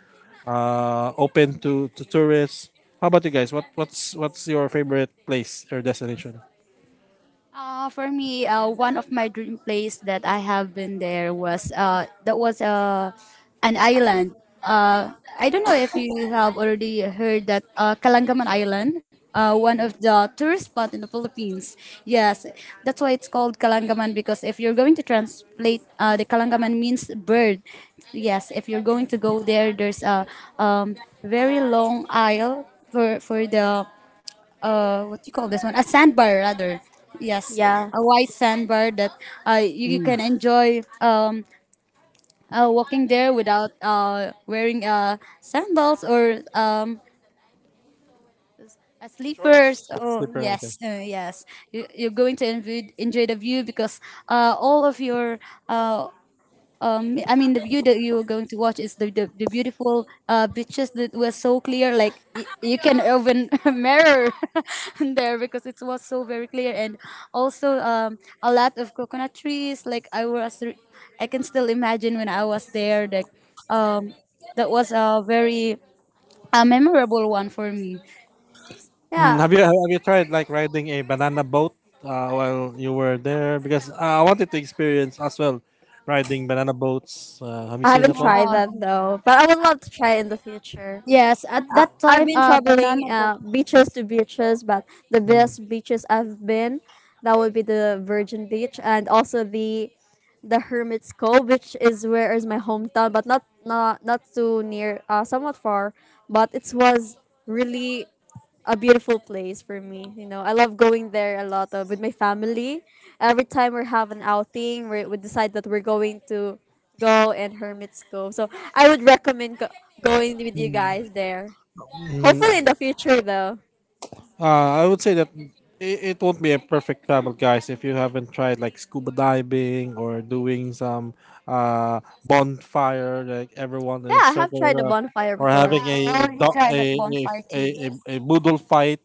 open to, tourists. How about you guys? What's your favorite place or destination? Uh, for me, one of my dream place that I have been there was that was an island. I don't know if you have already heard that Kalangaman Island, one of the tourist spot in the Philippines. Yes, that's why it's called Kalangaman, because if you're going to translate, the Kalangaman means bird. Yes, if you're going to go there, there's a very long aisle for the what do you call this one, a sandbar, rather. Yes, yeah, a wide sandbar that you Mm. can enjoy, walking there without wearing sandals, or Short sleepers. Oh slipper. Okay. yes, yes. You're going to enjoy the view, because all of your uh I mean, the view that you were going to watch is the beautiful beaches that were so clear, like you can even mirror there, because it was so very clear. And also a lot of coconut trees. Like, I can still imagine when I was there. Like, um, that was a very a memorable one for me. Mm, yeah. have you tried like riding a banana boat while you were there? Because I wanted to experience as well riding banana boats. Have you I seen haven't that one? tried Ah, that though, but I would love to try it in the future. yes, at I, that I've time, been banana traveling boat. Beaches to beaches, but the Mm. best beaches I've been, that would be the Virgin Beach and also the Hermit's Cove, which is where is my hometown, but not too near, somewhat far. But it was really a beautiful place for me. You know, I love going there a lot with my family. Every time we have an outing, we decide that we're going to go and Hermit's Cove. So I would recommend going with you guys there. Hopefully in Mm. the future though. I would say that it won't be a perfect travel, guys, if you haven't tried like scuba diving or doing some uh, bonfire, like everyone Yeah, in a I have circle tried the around, bonfire or before. having Yeah, we a, already do- tried that a, bonfire too. A boodle fight.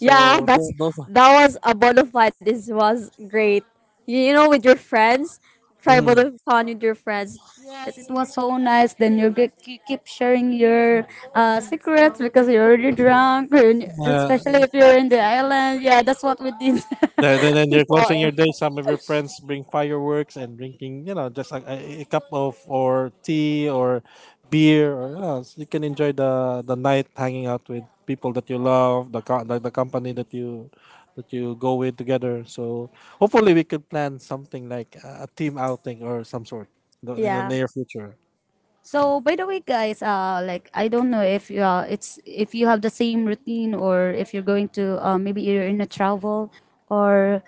Yeah, that was a bonfire. This was great. You know, with your friends, try Mhm. bonfire with your friends. Yes, it It's was so nice. Then you keep sharing your secrets, because you're already drunk, and uh, especially if you're in the island. Yeah, that's what we did Then, then, then you're closing before. your day. Some of your friends bring fireworks and drinking, just a cup of or tea or beer, or so you can enjoy the night hanging out with people that you love, the company that you go with together. So hopefully we could plan something like a team outing or some sort in the yeah. near future. So, by the way, guys, like, I don't know if you it's if you have the same routine, or if you're going to, maybe you're in a travel, or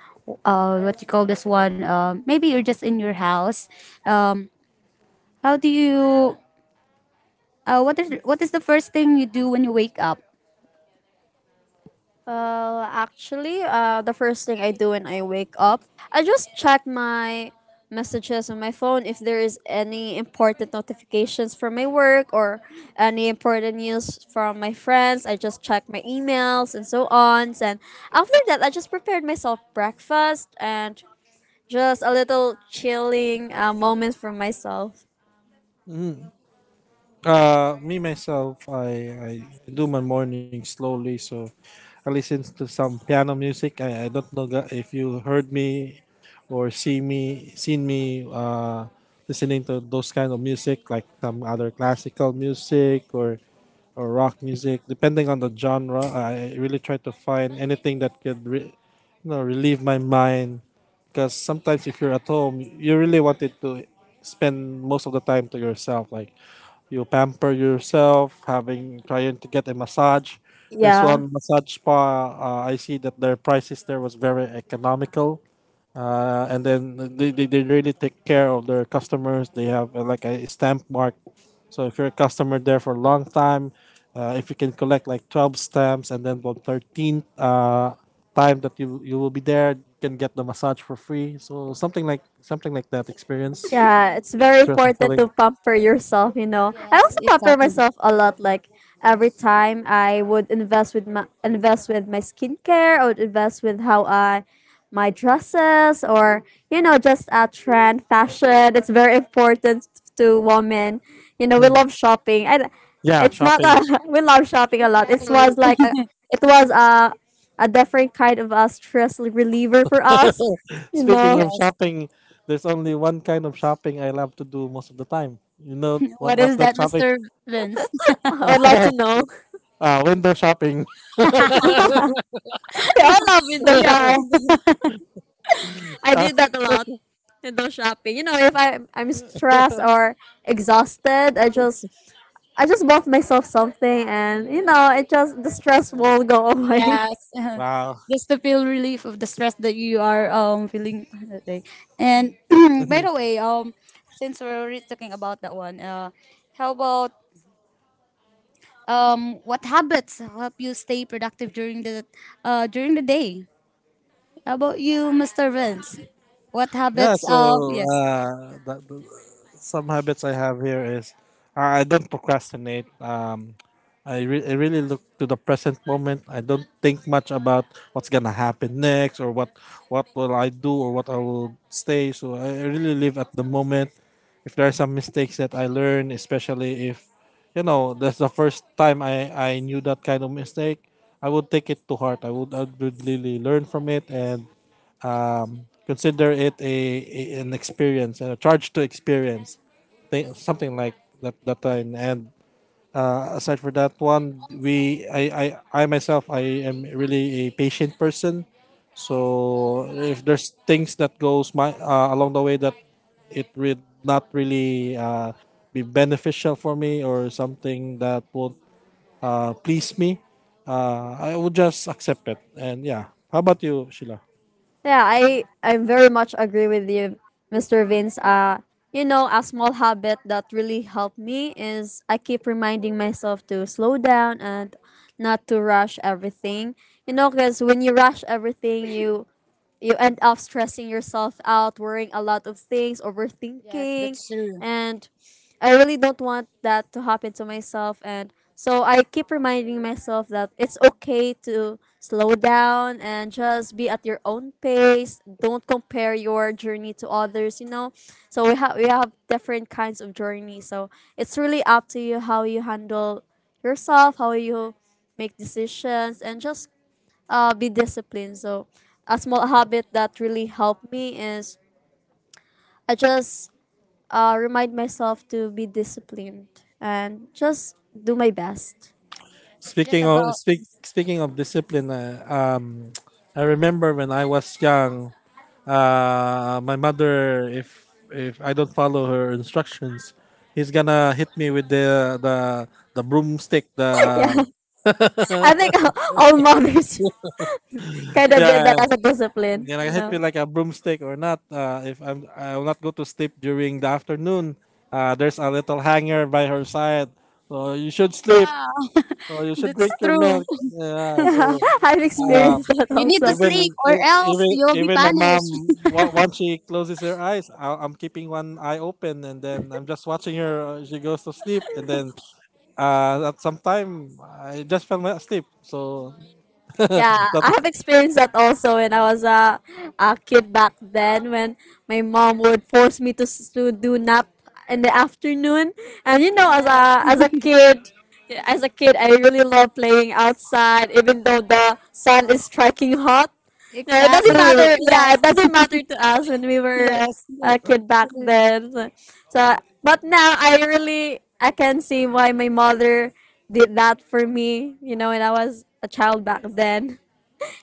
what you call this one? Maybe you're just in your house. Um, how do you? What is the first thing you do when you wake up? Well, actually, the first thing I do when I wake up, I just check my messages on my phone if there is any important notifications from my work or any important news from my friends. I just check my emails and so on. And after that, I just prepared myself breakfast and just a little chilling moment for myself. Mm. Me myself, I do my morning slowly, so I listen to some piano music. I don't know if you heard me or seen me listening to those kind of music, like some other classical music or rock music depending on the genre. I really try to find anything that could relieve my mind, because sometimes if you're at home you really wanted to spend most of the time to yourself. Like you pamper yourself, having trying to get a massage. There's Yeah. one massage spa. I see that their prices there was very economical. And then they really take care of their customers. They have like a stamp mark. So if you're a customer there for a long time, if you can collect like 12 stamps, and then on 13th time that you will be there, you can get the massage for free. So something like that experience. Yeah, it's very It's worth important fulfilling. to pamper yourself, you know. I Yes, also pamper exactly. myself a lot like every time I would invest with my skincare, I would invest with how I my dresses or you know just a trend fashion. It's very important to women. You know, we Hmm. love shopping. And Yeah, it's not shopping. a, we love shopping a lot. Exactly. It was a different kind of a stress reliever for us. You Speaking know, of Yes. shopping, there's only one kind of shopping I love to do most of the time. You know what, What what is that that, shopping? Mr. Vince? I would like to know. Ah, window shopping. We all love window Yeah. shopping. I did that a lot. Window shopping. You know, if I'm stressed or exhausted, I just bought myself something, and you know, it just the stress will go away. Yes. Wow. Just to feel relief of the stress that you are feeling that day. And by the way, since we're already talking about that one, how about, what habits help you stay productive during the day? How about you, Mr. Vince? What Yeah, habits, so, yes. uh, that, some habits I have here is, I don't procrastinate. I really look to the present moment. I don't think much about what's gonna happen next, or what will I do, or what I will stay. So I really live at the moment. If there are some mistakes that I learn, especially if, that's the first time I knew that kind of mistake, I would take it to heart. I would really learn from it, and consider it an experience and a charge to experience. Something like that time. And aside for that one, we I myself I am really a patient person, so if there's things that goes my along the way that it would not really be beneficial for me, or something that would please me, I would just accept it. And yeah, how about you, Sheila? yeah, I very much agree with you, Mr. Vince. You know, a small habit that really helped me is I keep reminding myself to slow down and not to rush everything. You know, because when you rush everything, you end up stressing yourself out, worrying a lot of things, Yes, overthinking, that's true. and I really don't want that to happen to myself. And so I keep reminding myself that it's okay to slow down and just be at your own pace. Don't compare your journey to others, you know. So we have different kinds of journey. So it's really up to you how you handle yourself, how you make decisions, and just be disciplined. So a small habit that really helped me is I just remind myself to be disciplined and just do my best. Yes, it's just about, Speaking of discipline, I remember when I was young, my mother, if I don't follow her instructions, he's gonna hit me with the broomstick. The yeah, I think all mothers kind of Yeah. did yeah that as a discipline. Gonna You hit know, me like a broomstick or not. If I'm, I will not go to sleep during the afternoon. There's a little hanger by her side. So you should sleep. yeah, So you should that's drink your true. milk. Yeah. So. I've Hmm. experienced Um, that You need to also. even sleep, or e- else even you'll be even my mom, punished. Once she closes her eyes, I'm keeping one eye open, and then I'm just watching her. She goes to sleep, and then at some time I just fell asleep. So Yeah, that, I have experienced that also when I was a kid back then when my mom would force me to to do nap in the afternoon. And you know, as a Yes, as a kid, as a kid, I really love playing outside even though the sun is striking hot. Yeah, it exactly. doesn't matter. Yes, Yeah, it doesn't matter to us when we were yes. Uh, uh, a uh, kid back then. So, so but now I really I can see why my mother did that for me, you know, when I was a child back then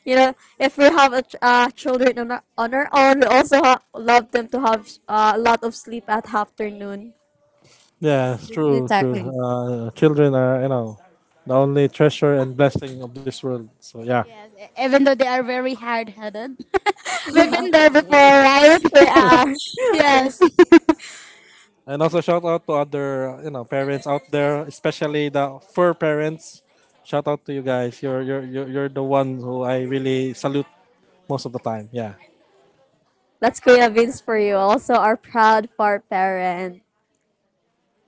you know, if we have children on on our own, we also love them to have a lot of sleep at afternoon. yeah, Yes, it's true true exactly. Children are, the only treasure and blessing of this world. So yeah. Yes, even though they are very hard headed. We've been there before, right? We are. yeah. Yes. And also shout out to other, parents out there, especially the fur parents. Shout out to you guys. You're the one who I really salute most of the time. Yeah. That's Kuya Vince for you. Also, our proud for parent.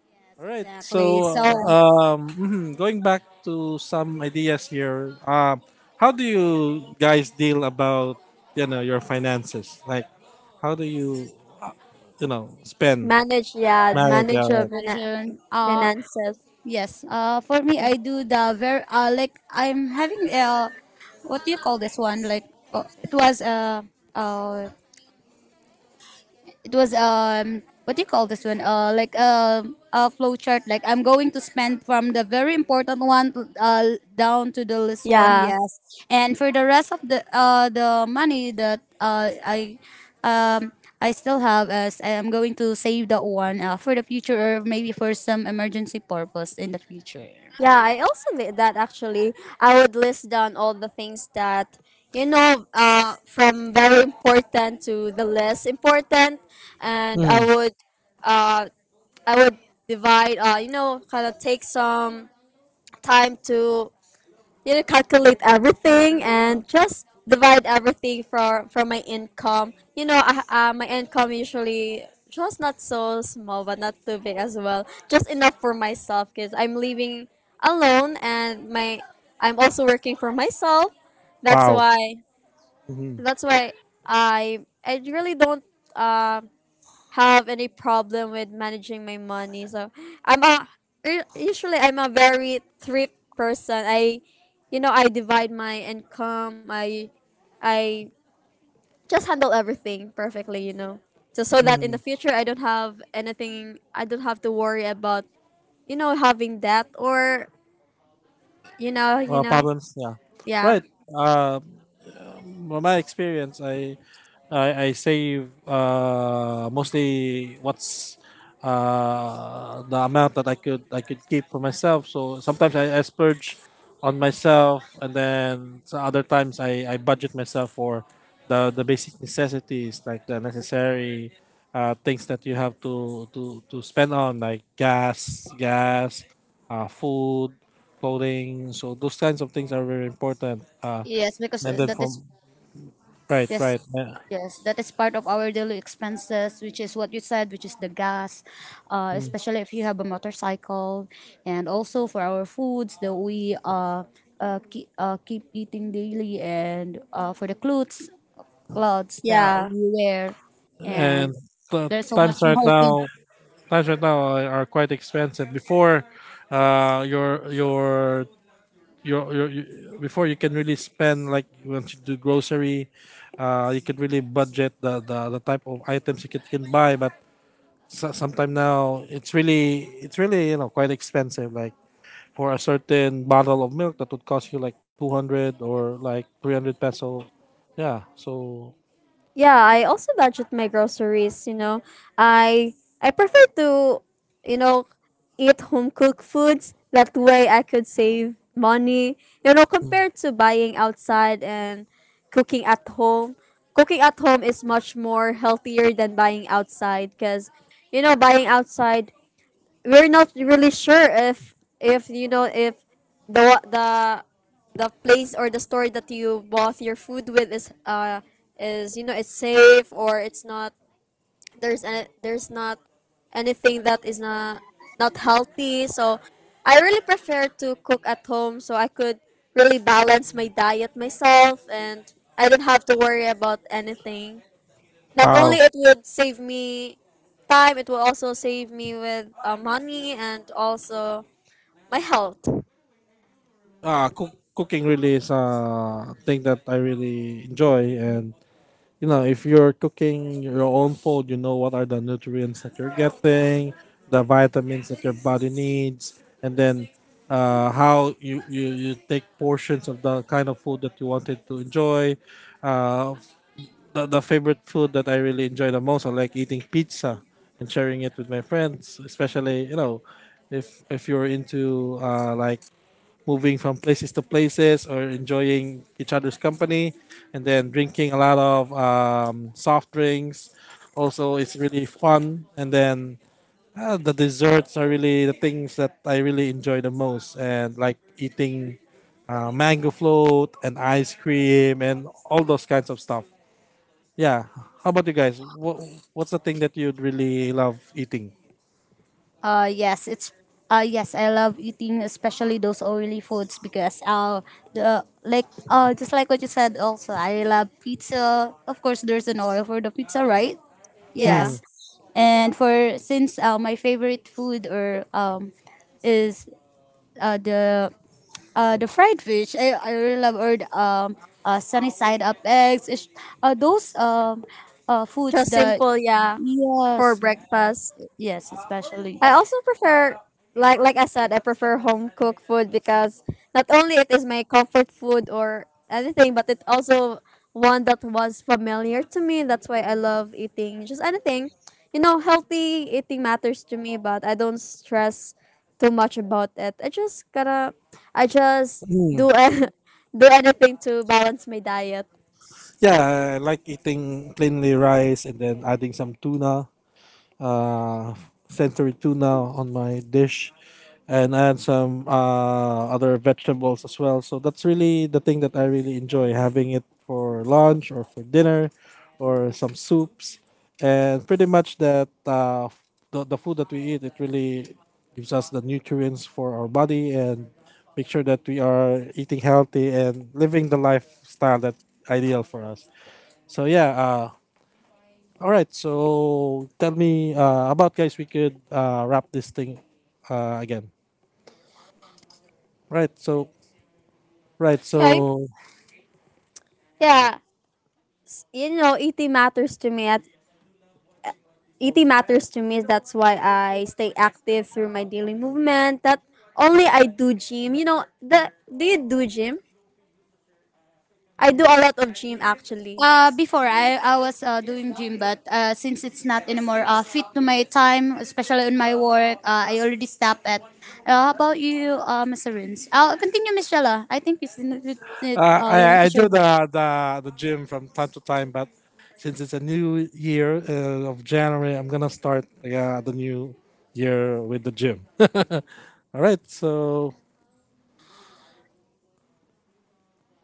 Yes, All right. exactly. So, So, going back to some ideas here. How do you guys deal about, your finances? Like, how do you, you know spend Manage, yeah, marriage? Yeah. Yes, Right. Marishan. Uh, finances. yes. For me, I do the very like I'm having a, what do you call this one? Like, it was a uh, it was what do you call this one, a flow chart, like I'm going to spend from the very important one down to the least one. Yeah. Yes. And for the rest of the money that um I still have, as I am going to save that one for the future, or maybe for some emergency purpose in the future. Yeah, I also did that actually. I would list down all the things that, you know, from very important to the less important. And Mm, uh, I would divide. You know, kind of take some time to you know calculate everything and just divide everything from my income. You know, my income usually just not so small, but not too big as well. Just enough for myself because I'm living alone and my I'm also working for myself. That's wow. why. Mm-hmm. That's why I really don't. Um, have any problem with managing my money. So I'm a usually I'm a very thrift person. I you know I divide my income. I just handle everything perfectly. You know, just so that in Mm-hmm. the future I don't have anything. I don't have to worry about you know having debt or you know Problems. Yeah. yeah Right. From my experience, I save mostly what's the amount that I could keep for myself. So sometimes I splurge on myself, and then so other times I budget myself for the basic necessities, like the necessary things that you have to spend on, like gas, food, clothing. So those kinds of things are very important. Yes, because And then that is from. Right, yes, right. Yeah. yes, that is part of our daily expenses, which is what you said, which is the gas, Mm. especially if you have a motorcycle, and also for our foods that we keep eating daily, and for the clothes that yeah we wear, And and the there's so much more thing. Times right now are quite expensive. Before, uh, your your before you can really spend, like once you do grocery, you can really budget the type of items you can buy. But so, sometime now, it's really, quite expensive. Like for a certain bottle of milk, that would cost you like 200 or like 300 peso. Yeah. So. yeah I also budget my groceries you know i I prefer to you know eat home cooked foods that way I could save money you know compared to buying outside and cooking at home cooking at home is much more healthier than buying outside because you know buying outside we're not really sure if you know if the the place or the store that you bought your food with is you know it's safe or it's not there's any there's not anything that is not healthy so I really prefer to cook at home so I could really balance my diet myself and I don't have to worry about anything not Wow. only it would save me time, it will also save me with money and also my health. Cooking really is a thing that I really enjoy, and if you're cooking your own food, you know what are the nutrients that you're getting, the vitamins that your body needs, and then how you take portions of the kind of food that you wanted to enjoy. uh, the favorite food that I really enjoy the most, I like eating pizza and sharing it with my friends, especially, if you're into, like, moving from places to places or enjoying each other's company, and then drinking a lot of soft drinks. Also, it's really fun. And then, the desserts are really the things that I really enjoy the most. And like eating mango float and ice cream and all those kinds of stuff. Yeah. How about you guys? What's the thing that you'd really love eating? Uh yes, it's yes, I love eating, especially those oily foods, because the like just like what you said, also I love pizza. Of course there's an oil for the pizza, right? Yeah. Yeah, Mm, Yes. And for since, my favorite food or is uh the the fried fish. I really love, or sunny side up eggs. Those foods just that, simple. Yeah, for yes, breakfast. yes, especially. I also prefer like I said, I prefer home cooked food because not only it is my comfort food or anything, but it also one that was familiar to me. That's why I love eating just anything. You know, healthy eating matters to me, but I don't stress too much about it. I just gotta I just mm. do do anything to balance my diet. Yeah, I like eating plainly rice and then adding some tuna, uh, century tuna on my dish and add some other vegetables as well. So that's really the thing that I really enjoy having it for lunch or for dinner, or some soups. And pretty much that, the food that we eat, it really gives us the nutrients for our body and make sure that we are eating healthy and living the lifestyle that ideal for us. So yeah, all right, so tell me, about guys. We could, wrap this thing, again. Right, so right, Okay. so Yeah. You know, eating matters to me. That's why I stay active through my daily movement. That only I do gym. You know, the do you do gym? I do a lot of gym actually. Before I was doing gym, but since it's not anymore fit to my time, especially on my work, I already stopped at. How about you, Mr. Rins? I'll continue, Miss Jella. I think I you want I to do share. the gym from time to time, but since it's a new year, of January, I'm gonna start, yeah, the new year with the gym. All right, so,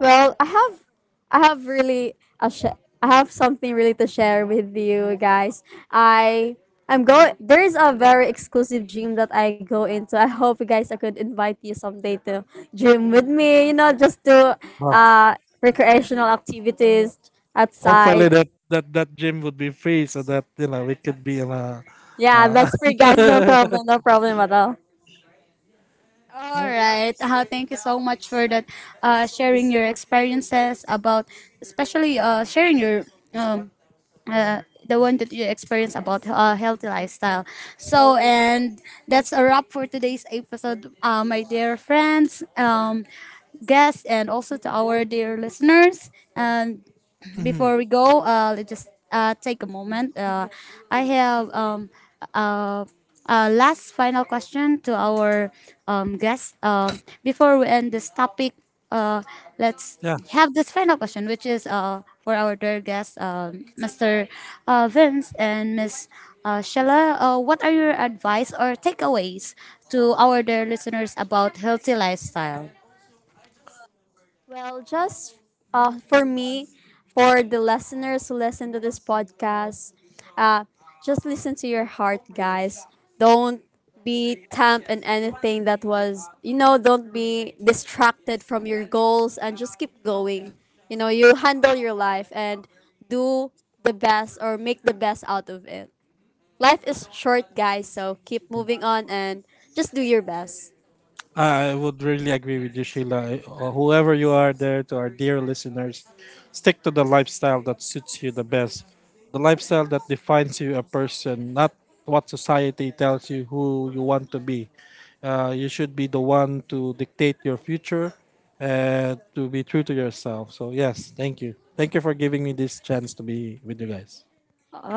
Well, I have, I have really a I have something really to share with you guys. I I'm going. There is a very exclusive gym that I go into. I hope you guys I could invite you someday to gym with me. You know, just to uh, uh recreational activities hopefully outside. that gym would be free, so that, we could be in a. Yeah, Uh, that's free, guys. No problem. No problem at all. All right. Thank you so much for that. Sharing your experiences about, especially sharing your um, uh, the one that you experience about healthy lifestyle. So, and that's a wrap for today's episode, my dear friends, guests, and also to our dear listeners. And mhm. before we go, let's just take a moment. I have uh, last final question to our guest. Before we end this topic, uh, let's Yeah, have this final question, which is for our dear guests, Mr. Vince and Miss Sheila. What are your advice or takeaways to our dear listeners about healthy lifestyle? Well, just for me, for the listeners who listen to this podcast, uh, just listen to your heart, guys. Don't be tamped in anything that was, you know, don't be distracted from your goals and just keep going. You know, you handle your life and do the best or make the best out of it. Life is short, guys, so keep moving on and just do your best. I would really agree with you, Sheila. Whoever you are there, to our dear listeners, stick to the lifestyle that suits you the best. The lifestyle that defines you a person, not what society tells you who you want to be. You should be the one to dictate your future and to be true to yourself. So, yes, thank you. Thank you for giving me this chance to be with you guys.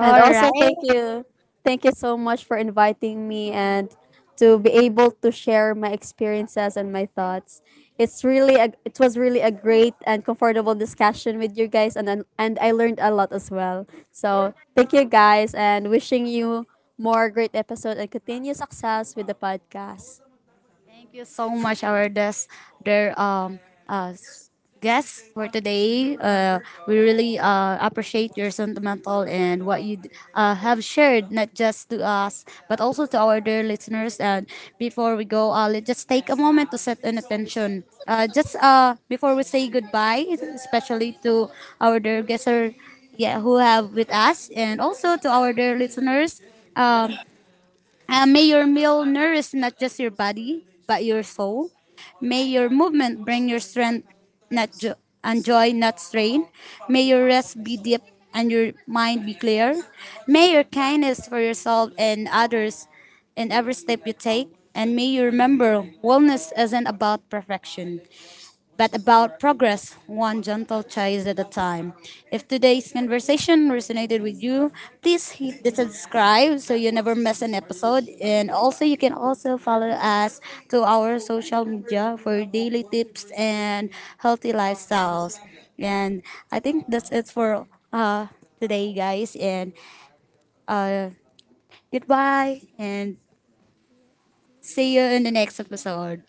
And also thank right. you. Thank you so much for inviting me and to be able to share my experiences and my thoughts. It was really a great and comfortable discussion with you guys and I learned a lot as well. So, thank you guys and wishing you more great episode and continued success with the podcast. Thank you so much, our dear uh, s- guests for today. We really appreciate your sentimental and what you have shared, not just to us, but also to our dear listeners. And before we go, let's just take a moment to set an attention. Just before we say goodbye, especially to our dear guests, yeah, who have with us, and also to our dear listeners. Um, may your meal nourish, not just your body, but your soul. May your movement bring your strength not jo- and joy, not strain. May your rest be deep and your mind be clear. May your kindness for yourself and others in every step you take. And may you remember, wellness isn't about perfection but about progress, one gentle choice at a time. If today's conversation resonated with you, please hit the subscribe so you never miss an episode. And also, you can also follow us to our social media for daily tips and healthy lifestyles. And I think that's it for uh, today, guys. And uh, goodbye, and see you in the next episode.